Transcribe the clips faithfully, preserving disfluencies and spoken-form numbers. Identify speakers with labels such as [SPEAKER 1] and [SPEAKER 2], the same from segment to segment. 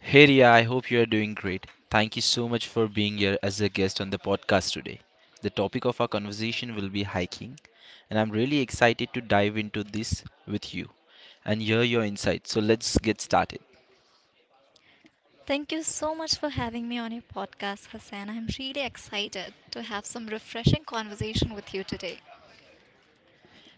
[SPEAKER 1] Hey Ria, I hope you are doing great. Thank you so much for being here as a guest on the podcast today. The topic of our conversation will be hiking, and I'm really excited to dive into this with you and hear your insights. So let's get started.
[SPEAKER 2] Thank you so much for having me on your podcast, Hassan. I'm really excited to have some refreshing conversation with you today.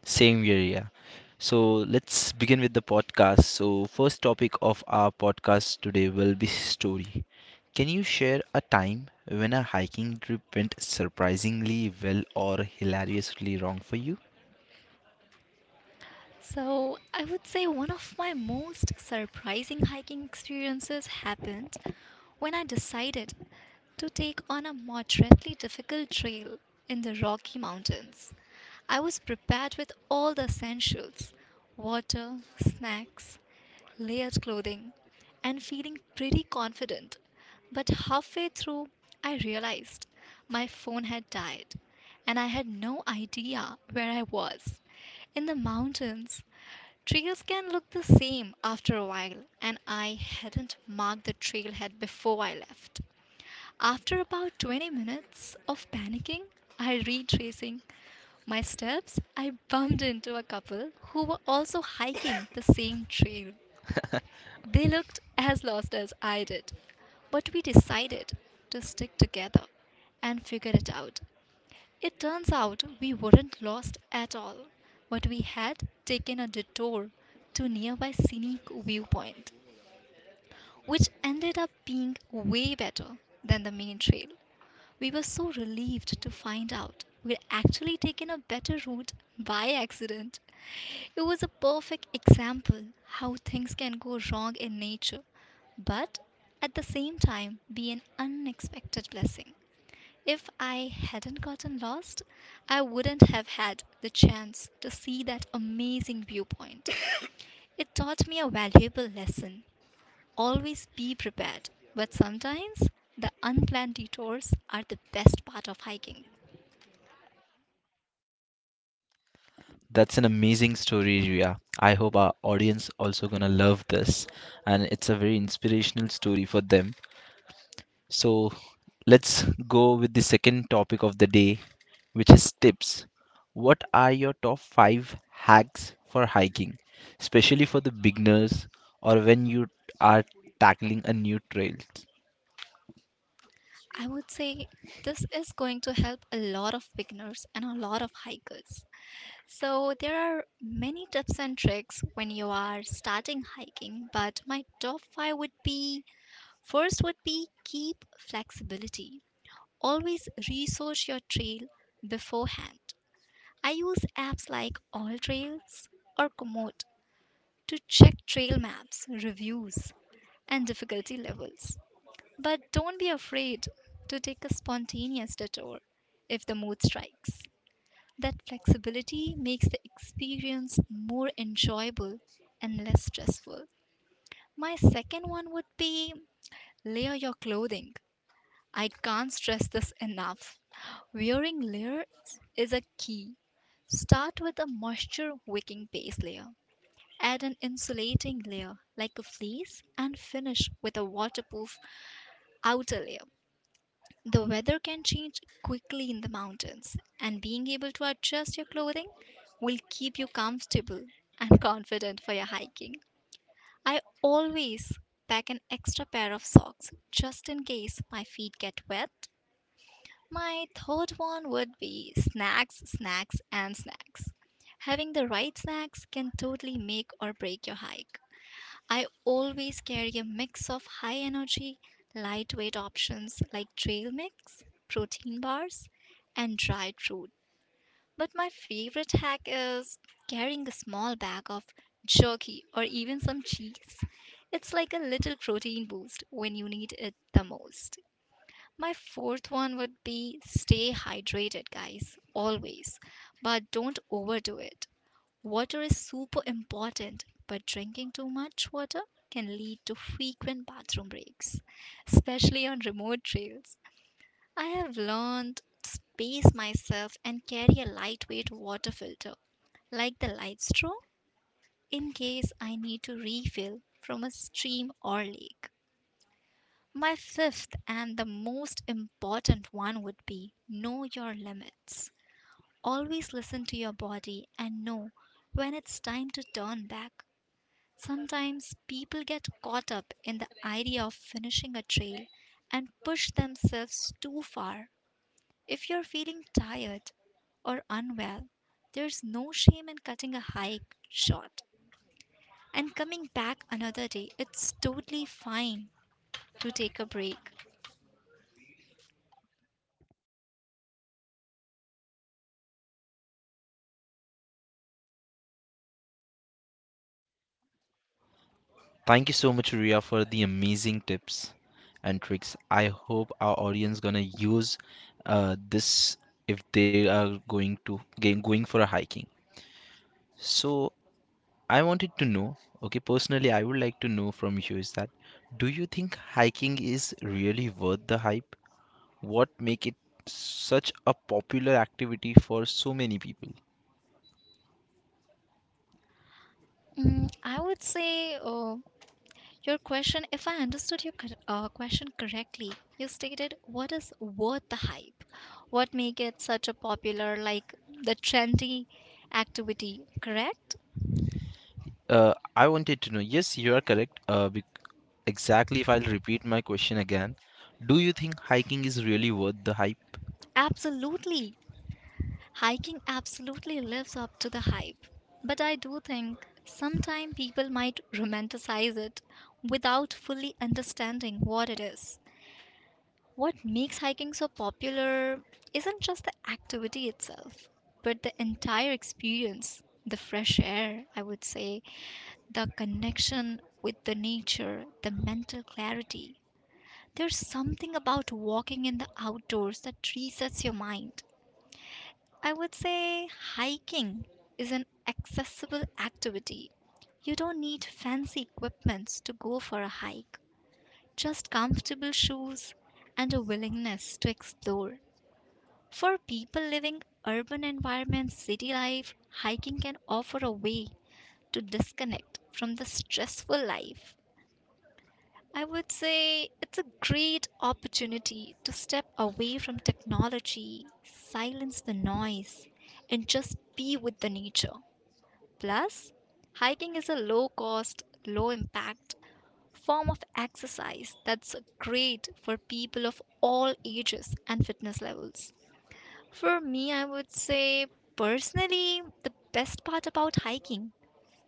[SPEAKER 1] Same here, Ria. So let's begin with the podcast. So first topic of our podcast today will be story. Can you share a time when a hiking trip went surprisingly well or hilariously wrong for you?
[SPEAKER 2] So, I would say one of my most surprising hiking experiences happened when I decided to take on a moderately difficult trail in the Rocky Mountains. I was prepared with all the essentials: water, snacks, layered clothing, and feeling pretty confident. But halfway through, I realized my phone had died, and I had no idea where I was. In the mountains, trails can look the same after a while, and I hadn't marked the trailhead before I left. After about twenty minutes of panicking, I retracing my steps, I bumped into a couple who were also hiking the same trail. They looked as lost as I did, but we decided to stick together and figure it out. It turns out we weren't lost at all, but we had taken a detour to nearby scenic viewpoint, which ended up being way better than the main trail. We were so relieved to find out we'd actually taken a better route by accident. It was a perfect example how things can go wrong in nature, but at the same time be an unexpected blessing. If I hadn't gotten lost, I wouldn't have had the chance to see that amazing viewpoint. It taught me a valuable lesson. Always be prepared, but sometimes the unplanned detours are the best part of hiking.
[SPEAKER 1] That's an amazing story, Ria. I hope our audience also gonna love this, and it's a very inspirational story for them. So let's go with the second topic of the day, which is tips. What are your top five hacks for hiking, especially for the beginners or when you are tackling a new trail?
[SPEAKER 2] I would say this is going to help a lot of beginners and a lot of hikers. So, there are many tips and tricks when you are starting hiking, but my top five would be: first, would be keep flexibility. Always research your trail beforehand. I use apps like All Trails or Komoot to check trail maps, reviews, and difficulty levels. But don't be afraid to take a spontaneous detour if the mood strikes. That flexibility makes the experience more enjoyable and less stressful. My second one would be layer your clothing. I can't stress this enough. Wearing layers is a key. Start with a moisture wicking base layer. Add an insulating layer like a fleece and finish with a waterproof outer layer. The weather can change quickly in the mountains, and being able to adjust your clothing will keep you comfortable and confident for your hiking. I always pack an extra pair of socks just in case my feet get wet. My third one would be snacks, snacks, and snacks. Having the right snacks can totally make or break your hike. I always carry a mix of high energy, lightweight options like trail mix, protein bars, and dried fruit. But my favorite hack is carrying a small bag of jerky or even some cheese. It's like a little protein boost when you need it the most. My fourth one would be stay hydrated, guys, always, but don't overdo it. Water is super important, but drinking too much water can lead to frequent bathroom breaks, especially on remote trails. I have learned to pace myself and carry a lightweight water filter, like the light straw, in case I need to refill from a stream or lake. My fifth and the most important one would be know your limits. Always listen to your body and know when it's time to turn back. Sometimes people get caught up in the idea of finishing a trail and push themselves too far. If you're feeling tired or unwell, there's no shame in cutting a hike short and coming back another day. It's totally fine to take a break.
[SPEAKER 1] Thank you so much, Ria, for the amazing tips and tricks. I hope our audience gonna use uh, this if they are going to going going for a hiking. So I wanted to know, okay, personally, I would like to know from you is that do you think hiking is really worth the hype? What make it such a popular activity for so many people?
[SPEAKER 2] Mm, I would say uh, your question, if I understood your cor- uh, question correctly, you stated what is worth the hype? What make it such a popular, like the trendy activity, correct?
[SPEAKER 1] Uh, I wanted to know. Yes, you are correct. Uh, bec- exactly. If I'll repeat my question again, do you think hiking is really worth the hype?
[SPEAKER 2] Absolutely. Hiking absolutely lives up to the hype. But I do think sometimes people might romanticize it without fully understanding what it is. What makes hiking so popular isn't just the activity itself, but the entire experience. The fresh air, I would say, the connection with the nature, the mental clarity. There's something about walking in the outdoors that resets your mind. I would say hiking is an accessible activity. You don't need fancy equipments to go for a hike, just comfortable shoes and a willingness to explore. For people living urban environments, city life, hiking can offer a way to disconnect from the stressful life. I would say it's a great opportunity to step away from technology, silence the noise, and just be with the nature. Plus, hiking is a low cost, low impact form of exercise that's great for people of all ages and fitness levels. For me, I would say personally, the best part about hiking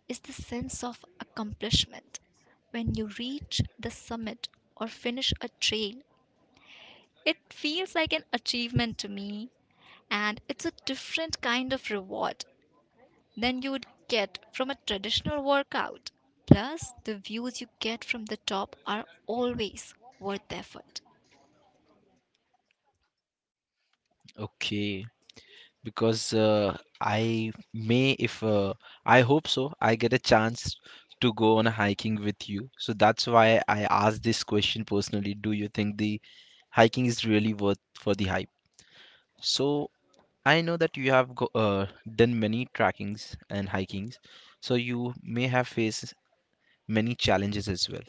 [SPEAKER 2] is the sense of accomplishment. When you reach the summit or finish a trail, it feels like an achievement to me, and it's a different kind of reward than you would get from a traditional workout. Plus, the views you get from the top are always worth the effort.
[SPEAKER 1] Okay, because uh, I may, if uh, I hope so, I get a chance to go on a hiking with you. So that's why I asked this question personally. Do you think the hiking is really worth for the hype? So I know that you have go, uh, done many trackings and hikings, so you may have faced many challenges as well.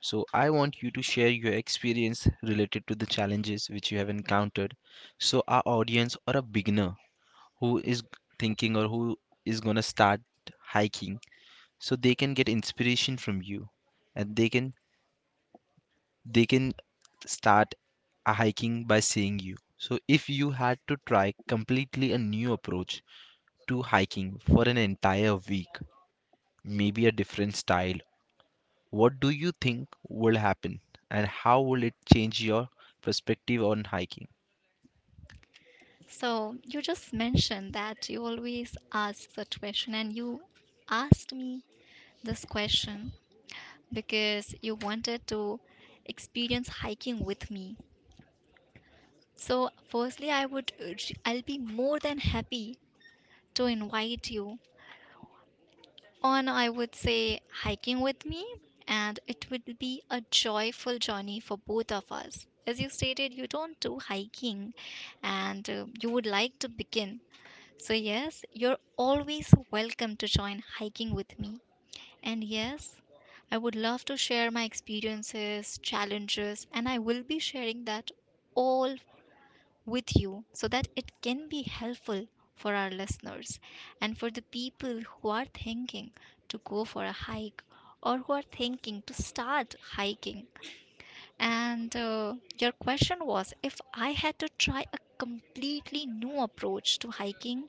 [SPEAKER 1] So, I want you to share your experience related to the challenges which you have encountered. So, our audience or a beginner who is thinking or who is going to start hiking, so they can get inspiration from you and they can they can start a hiking by seeing you. So, if you had to try completely a new approach to hiking for an entire week, maybe a different style. What do you think will happen and how will it change your perspective on hiking?
[SPEAKER 2] So you just mentioned that you always ask such question and you asked me this question because you wanted to experience hiking with me. So firstly I would urge- I'll be more than happy to invite you on, I would say, hiking with me, and it will be a joyful journey for both of us. As you stated, you don't do hiking and uh, you would like to begin. So, yes, you're always welcome to join hiking with me. And yes, I would love to share my experiences, challenges, and I will be sharing that all with you so that it can be helpful for our listeners and for the people who are thinking to go for a hike or who are thinking to start hiking. And uh, your question was, if I had to try a completely new approach to hiking,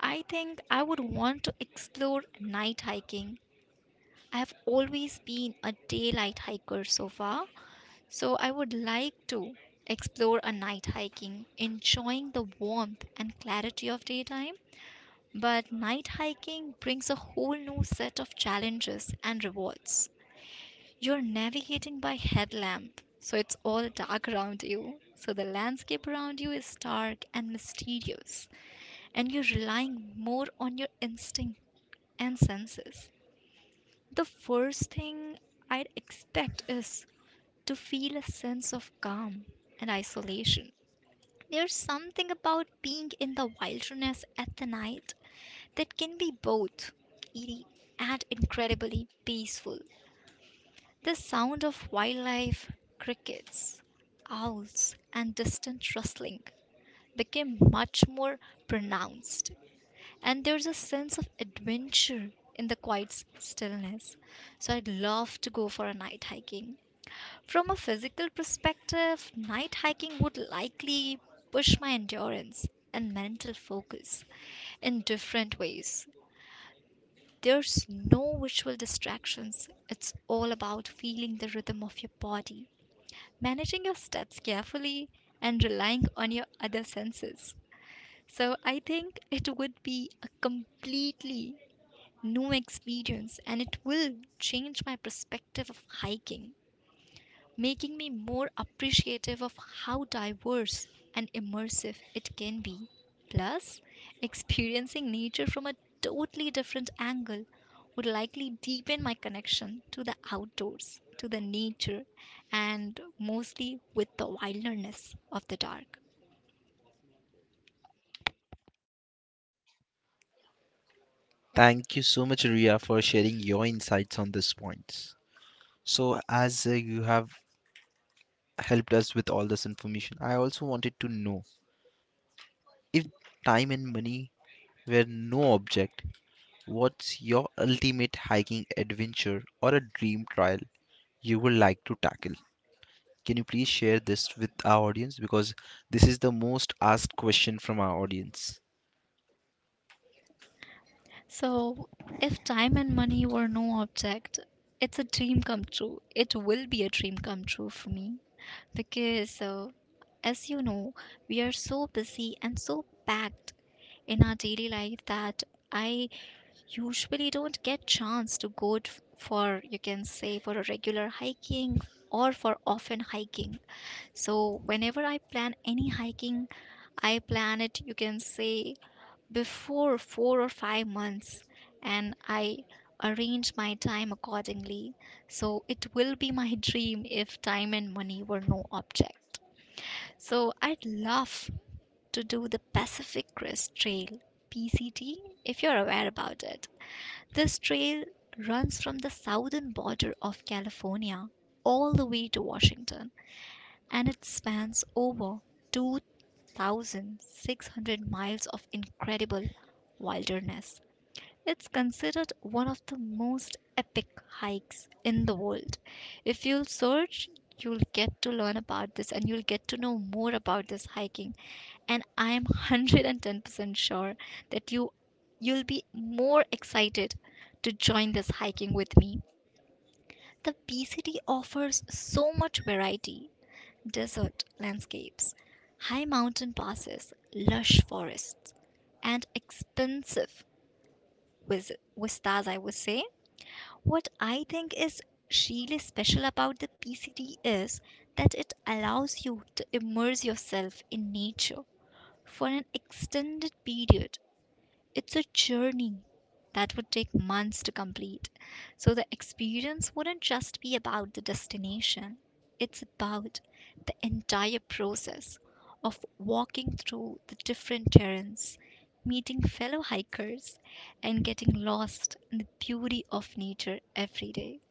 [SPEAKER 2] I think I would want to explore night hiking. I have always been a daylight hiker so far, so I would like to explore a night hiking, enjoying the warmth and clarity of daytime. But night hiking brings a whole new set of challenges and rewards. You're navigating by headlamp, so it's all dark around you. So the landscape around you is dark and mysterious, and you're relying more on your instinct and senses. The first thing I'd expect is to feel a sense of calm and isolation. There's something about being in the wilderness at the night that can be both eerie and incredibly peaceful. The sound of wildlife, crickets, owls, and distant rustling became much more pronounced, and there's a sense of adventure in the quiet s- stillness. So I'd love to go for a night hiking. From a physical perspective, night hiking would likely push my endurance and mental focus in different ways. There's no visual distractions. It's all about feeling the rhythm of your body, managing your steps carefully, and relying on your other senses. So I think it would be a completely new experience, and it will change my perspective of hiking, making me more appreciative of how diverse and immersive it can be. Plus, experiencing nature from a totally different angle would likely deepen my connection to the outdoors, to the nature, and mostly with the wilderness of the dark.
[SPEAKER 1] Thank you so much, Ria, for sharing your insights on this points. So, as uh, you have helped us with all this information, I also wanted to know if time and money were no object, what's your ultimate hiking adventure or a dream trial you would like to tackle? Can you please share this with our audience? Because this is the most asked question from our audience.
[SPEAKER 2] So, if time and money were no object, it's a dream come true. It will be a dream come true for me because, uh, as you know, we are so busy and so packed in our daily life that I usually don't get chance to go t- for, you can say, for a regular hiking or for often hiking. So, whenever I plan any hiking, I plan it, you can say, before four or five months, and I arrange my time accordingly. So it will be my dream if time and money were no object. So I'd love to do the Pacific Crest Trail, P C T, if you're aware about it. This trail runs from the southern border of California all the way to Washington, and it spans over two thousand six hundred miles of incredible wilderness. It's considered one of the most epic hikes in the world. If you'll search, you'll get to learn about this and you'll get to know more about this hiking. And I am one hundred ten percent sure that you you'll be more excited to join this hiking with me. The P C T offers so much variety. Desert landscapes, high mountain passes, lush forests, and expensive vis- vistas, I would say. What I think is really special about the P C T is that it allows you to immerse yourself in nature for an extended period. It's a journey that would take months to complete. So the experience wouldn't just be about the destination, it's about the entire process of walking through the different terrains, meeting fellow hikers, and getting lost in the beauty of nature every day.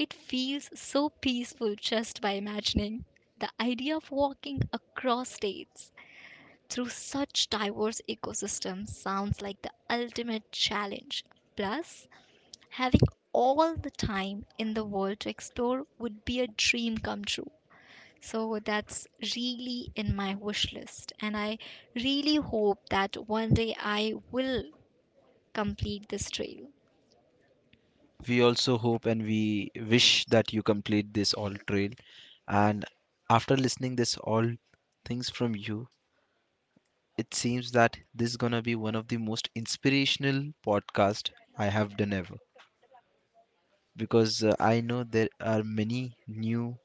[SPEAKER 2] It feels so peaceful just by imagining. The idea of walking across states through such diverse ecosystems sounds like the ultimate challenge. Plus, having all the time in the world to explore would be a dream come true. So that's really in my wish list, and I really hope that one day I will complete this trail.
[SPEAKER 1] We also hope and we wish that you complete this all trail. And after listening this all things from you, it seems that this is gonna be one of the most inspirational podcast I have done ever. Because uh, I know there are many new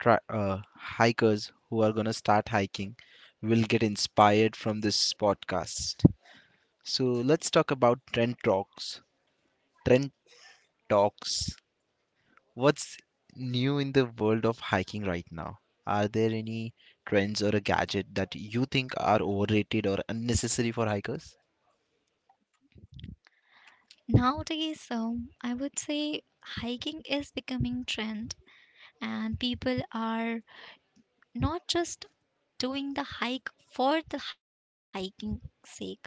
[SPEAKER 1] tri- uh, hikers who are gonna start hiking will get inspired from this podcast. So let's talk about trend talks. Trend talks. What's new in the world of hiking right now? Are there any trends or a gadget that you think are overrated or unnecessary for hikers?
[SPEAKER 2] Nowadays, um, I would say hiking is becoming trend and people are not just doing the hike for the hiking sake, but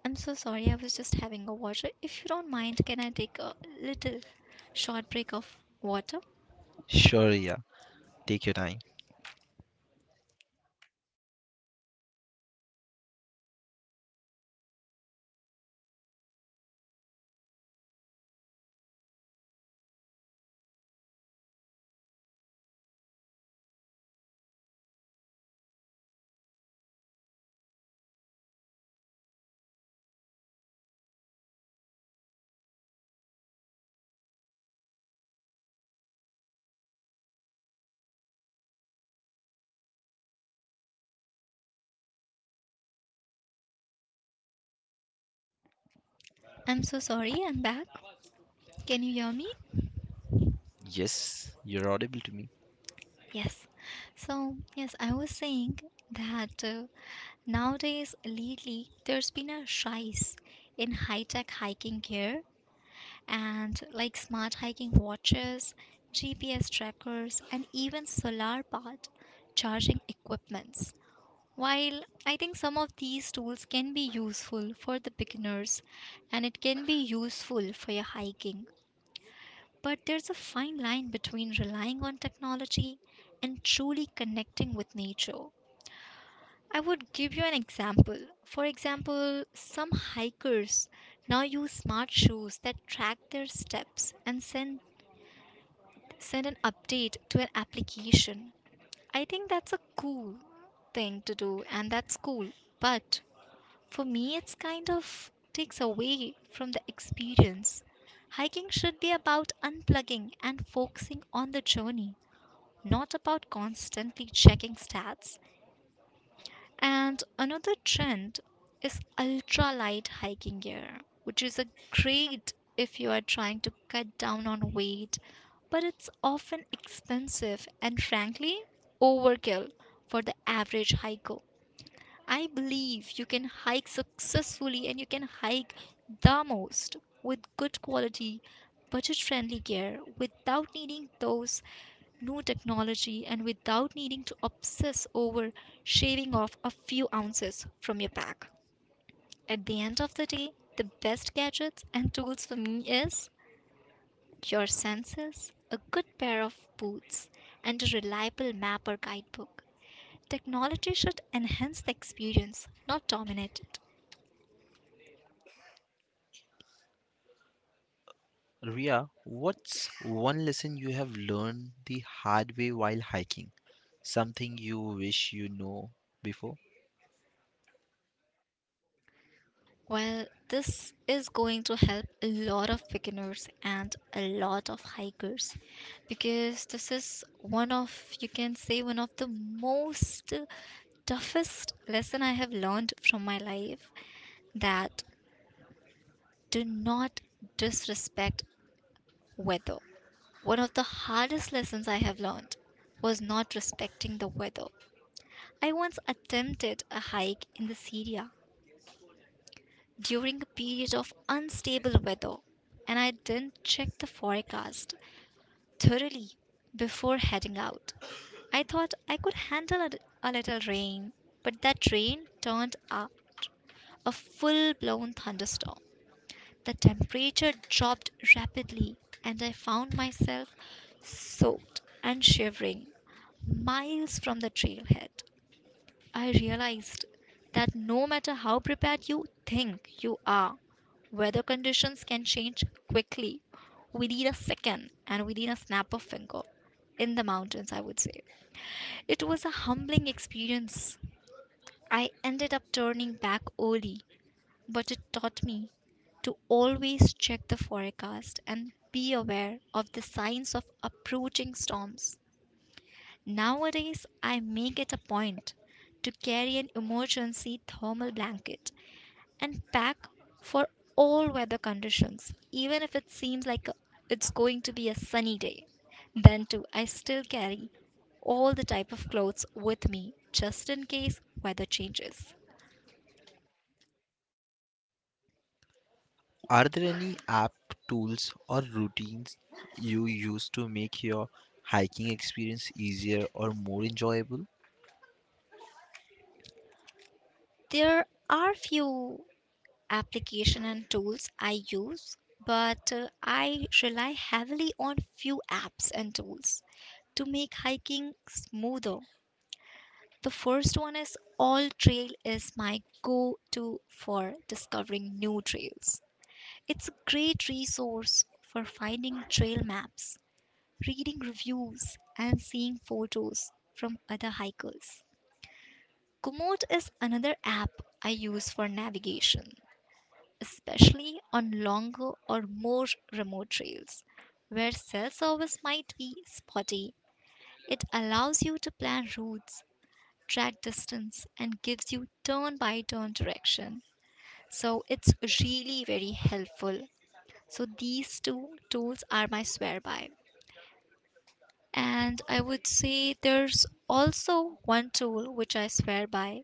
[SPEAKER 2] I'm so sorry, I was just having a water. If you don't mind, can I take a little short break of water?
[SPEAKER 1] Sure, yeah. Take your time.
[SPEAKER 2] I'm so sorry, I'm back. Can you hear me?
[SPEAKER 1] Yes, you're audible to me.
[SPEAKER 2] Yes. So yes, I was saying that uh, nowadays lately there's been a rise in high-tech hiking gear and like smart hiking watches, G P S trackers, and even solar powered charging equipments. While I think some of these tools can be useful for the beginners and it can be useful for your hiking, but there's a fine line between relying on technology and truly connecting with nature. I would give you an example. For example, some hikers now use smart shoes that track their steps and send send an update to an application. I think that's a cool thing to do and that's cool. But for me, it's kind of takes away from the experience. Hiking should be about unplugging and focusing on the journey, not about constantly checking stats. And another trend is ultralight hiking gear, which is a great if you are trying to cut down on weight, but it's often expensive and frankly overkill for the average hiker. I believe you can hike successfully and you can hike the most with good quality, budget friendly gear without needing those new technology and without needing to obsess over shaving off a few ounces from your pack. At the end of the day, the best gadgets and tools for me is your senses, a good pair of boots, and a reliable map or guidebook. Technology should enhance the experience, not dominate it.
[SPEAKER 1] Ria, what's one lesson you have learned the hard way while hiking? Something you wish you know before?
[SPEAKER 2] Well, this is going to help a lot of beginners and a lot of hikers because this is one of, you can say, one of the most toughest lesson I have learned from my life, that do not disrespect weather. One of the hardest lessons I have learned was not respecting the weather. I once attempted a hike in the Syria during a period of unstable weather, and I didn't check the forecast thoroughly before heading out. I thought I could handle a, a little rain, but that rain turned out a full blown thunderstorm. The temperature dropped rapidly, and I found myself soaked and shivering miles from the trailhead. I realized that no matter how prepared you think you are, weather conditions can change quickly within a second and within a snap of finger in the mountains, I would say. It was a humbling experience. I ended up turning back early, but it taught me to always check the forecast and be aware of the signs of approaching storms. Nowadays, I make it a point to carry an emergency thermal blanket and pack for all weather conditions, even if it seems like it's going to be a sunny day. Then, too, I still carry all the type of clothes with me just in case weather changes.
[SPEAKER 1] Are there any app, tools, or routines you use to make your hiking experience easier or more enjoyable?
[SPEAKER 2] There are few application and tools I use, but uh, I rely heavily on few apps and tools to make hiking smoother. The first one is All Trail is my go-to for discovering new trails. It's a great resource for finding trail maps, reading reviews, and seeing photos from other hikers. Komoot is another app I use for navigation, especially on longer or more remote trails where cell service might be spotty. It allows you to plan routes, track distance, and gives you turn by turn direction. So it's really very helpful. So these two tools are my swear by. And I would say there's also one tool which I swear by,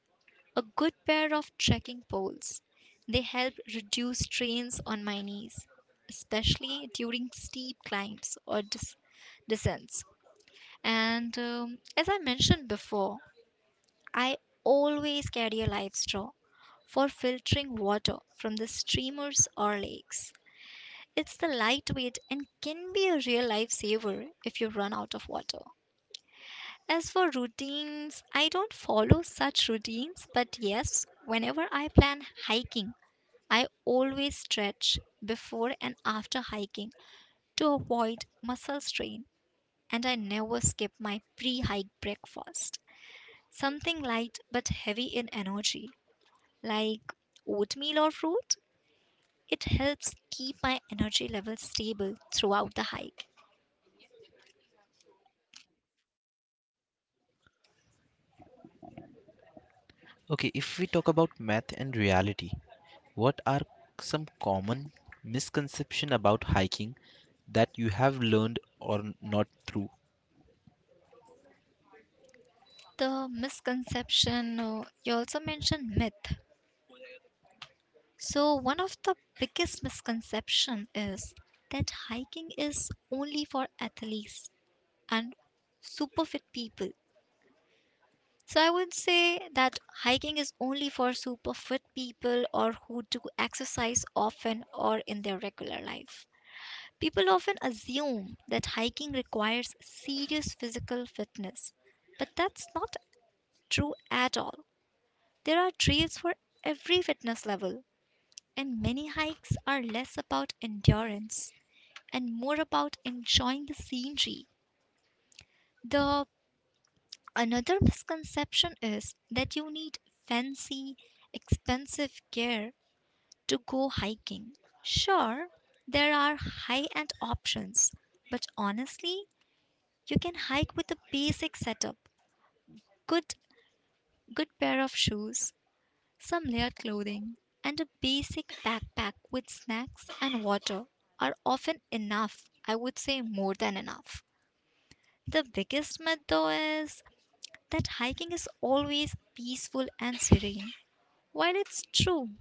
[SPEAKER 2] a good pair of trekking poles. They help reduce strains on my knees, especially during steep climbs or dis- descents. And um, as I mentioned before, I always carry a live straw for filtering water from the streamers or lakes. It's the lightweight and can be a real lifesaver if you run out of water. As for routines, I don't follow such routines, but yes, whenever I plan hiking, I always stretch before and after hiking to avoid muscle strain, and I never skip my pre hike breakfast. Something light but heavy in energy, like oatmeal or fruit. It helps keep my energy level stable throughout the hike.
[SPEAKER 1] Okay, if we talk about math and reality, what are some common misconception about hiking that you have learned or n- not through?
[SPEAKER 2] The misconception, uh, you also mentioned myth. So one of the biggest misconception is that hiking is only for athletes and super fit people. So I would say that hiking is only for super fit people or who do exercise often or in their regular life. People often assume that hiking requires serious physical fitness, but that's not true at all. There are trails for every fitness level, and many hikes are less about endurance and more about enjoying the scenery, the another misconception is that you need fancy, expensive gear to go hiking. Sure, there are high end options, but honestly, you can hike with a basic setup, good good pair of shoes, some layered clothing, and a basic backpack with snacks and water are often enough, I would say more than enough. The biggest myth though is that hiking is always peaceful and serene. While it's true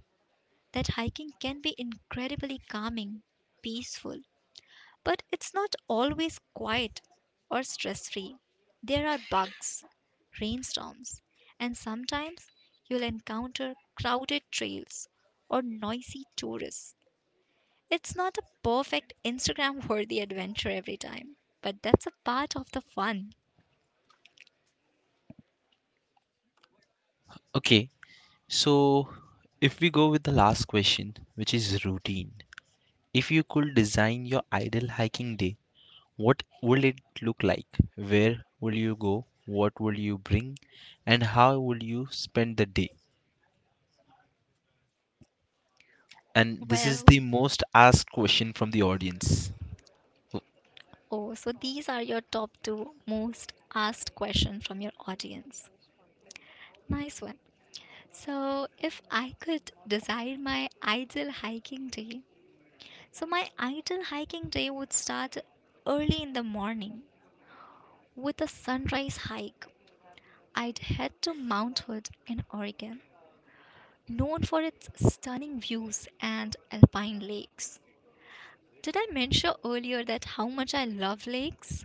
[SPEAKER 2] that hiking can be incredibly calming, peaceful, but it's not always quiet or stress free. There are bugs, rainstorms, and sometimes you'll encounter crowded trails or noisy tourists. It's not a perfect Instagram worthy adventure every time, but that's a part of the fun.
[SPEAKER 1] Okay, so if we go with the last question, which is routine. If you could design your ideal hiking day, what will it look like? Where will you go? What will you bring? And how will you spend the day? And this is
[SPEAKER 2] Well,
[SPEAKER 1] the most asked question from the audience.
[SPEAKER 2] oh, so these are your top two most asked questions from your audience. Nice one. So, if I could design my ideal hiking day, so my ideal hiking day would start early in the morning with a sunrise hike. I'd head to Mount Hood in Oregon, known for its stunning views and alpine lakes. Did I mention earlier that how much I love lakes?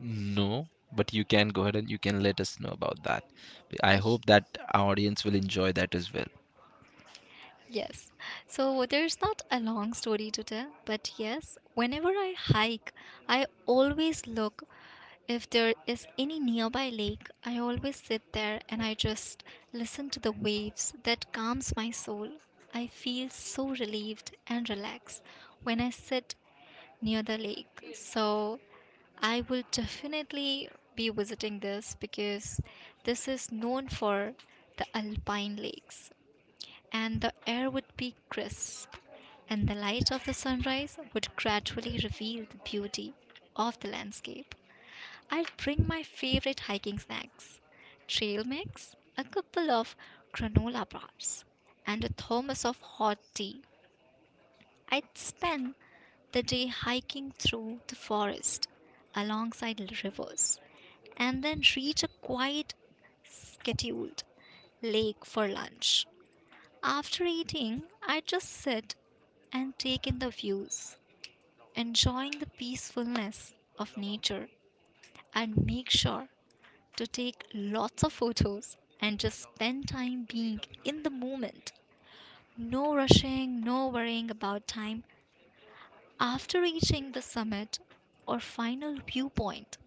[SPEAKER 1] No, but you can go ahead and you can let us know about that. I
[SPEAKER 2] Eesh.
[SPEAKER 1] hope that our audience will enjoy that as well.
[SPEAKER 2] Yes. So there's not a long story to tell, but yes, whenever I hike, I always look if there is any nearby lake, I always sit there and I just listen to the waves. That calms my soul. I feel so relieved and relaxed when I sit near the lake. So I will definitely be visiting this because this is known for the alpine lakes and the air would be crisp and the light of the sunrise would gradually reveal the beauty of the landscape. I would bring my favorite hiking snacks, trail mix, a couple of granola bars, and a thermos of hot tea. I'd spend the day hiking through the forest alongside rivers and then reach a quiet, scheduled lake for lunch. After eating, I just sit and take in the views, enjoying the peacefulness of nature, and make sure to take lots of photos and just spend time being in the moment. No rushing, no worrying about time. After reaching the summit or final viewpoint,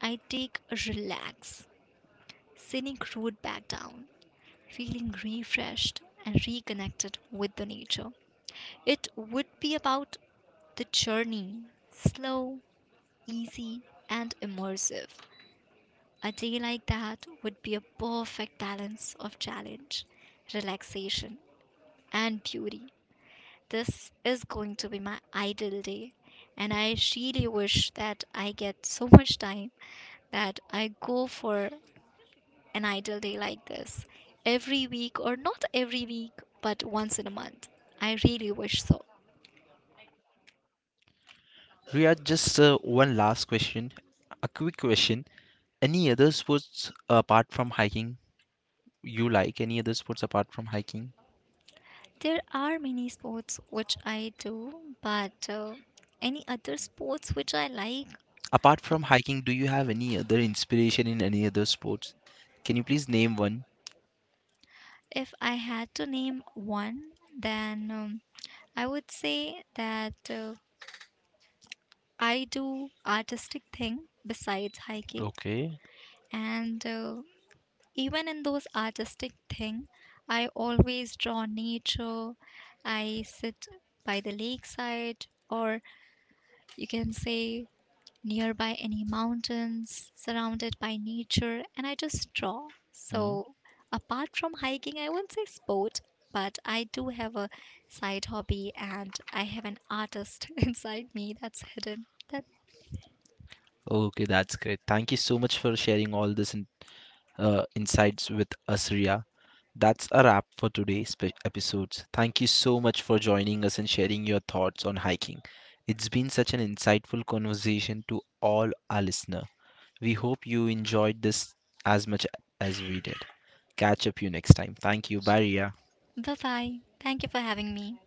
[SPEAKER 2] I take a relax, scenic route back down, feeling refreshed and reconnected with the nature. It would be about the journey, slow, easy, and immersive. A day like that would be a perfect balance of challenge, relaxation, and beauty. This is going to be my ideal day, and I really wish that I get so much time that I go for an ideal day like this every week, or not every week, but once in a month. I really wish so.
[SPEAKER 1] Riyad, just uh, one last question, a quick question. Any other sports apart from hiking you like? Any other sports apart from hiking?
[SPEAKER 2] There are many sports which I do, but uh, any other sports which I like,
[SPEAKER 1] Apart from hiking, do you have any other inspiration in any other sports? Can you please name one?
[SPEAKER 2] if I had to name one, then um, I would say that uh, I do artistic thing besides hiking,
[SPEAKER 1] Okay.
[SPEAKER 2] and uh, even in those artistic thing, I always draw nature. I sit by the lakeside, or you can say nearby any mountains, surrounded by nature, and I just draw.
[SPEAKER 1] Hmm.
[SPEAKER 2] So, apart from hiking, I won't say sport, but I do have a side hobby and I have an artist inside me that's hidden. That
[SPEAKER 1] Okay, that's great. Thank you so much for sharing all this in, uh, insights with us, Ria. That's a wrap for today's spe- episodes. Thank you so much for joining us and sharing your thoughts on hiking. It's been such an insightful conversation to all our listeners. We hope you enjoyed this as much as we did. Catch up you next time. Thank you. Bye, Ria.
[SPEAKER 2] bye bye. Thank you for having me.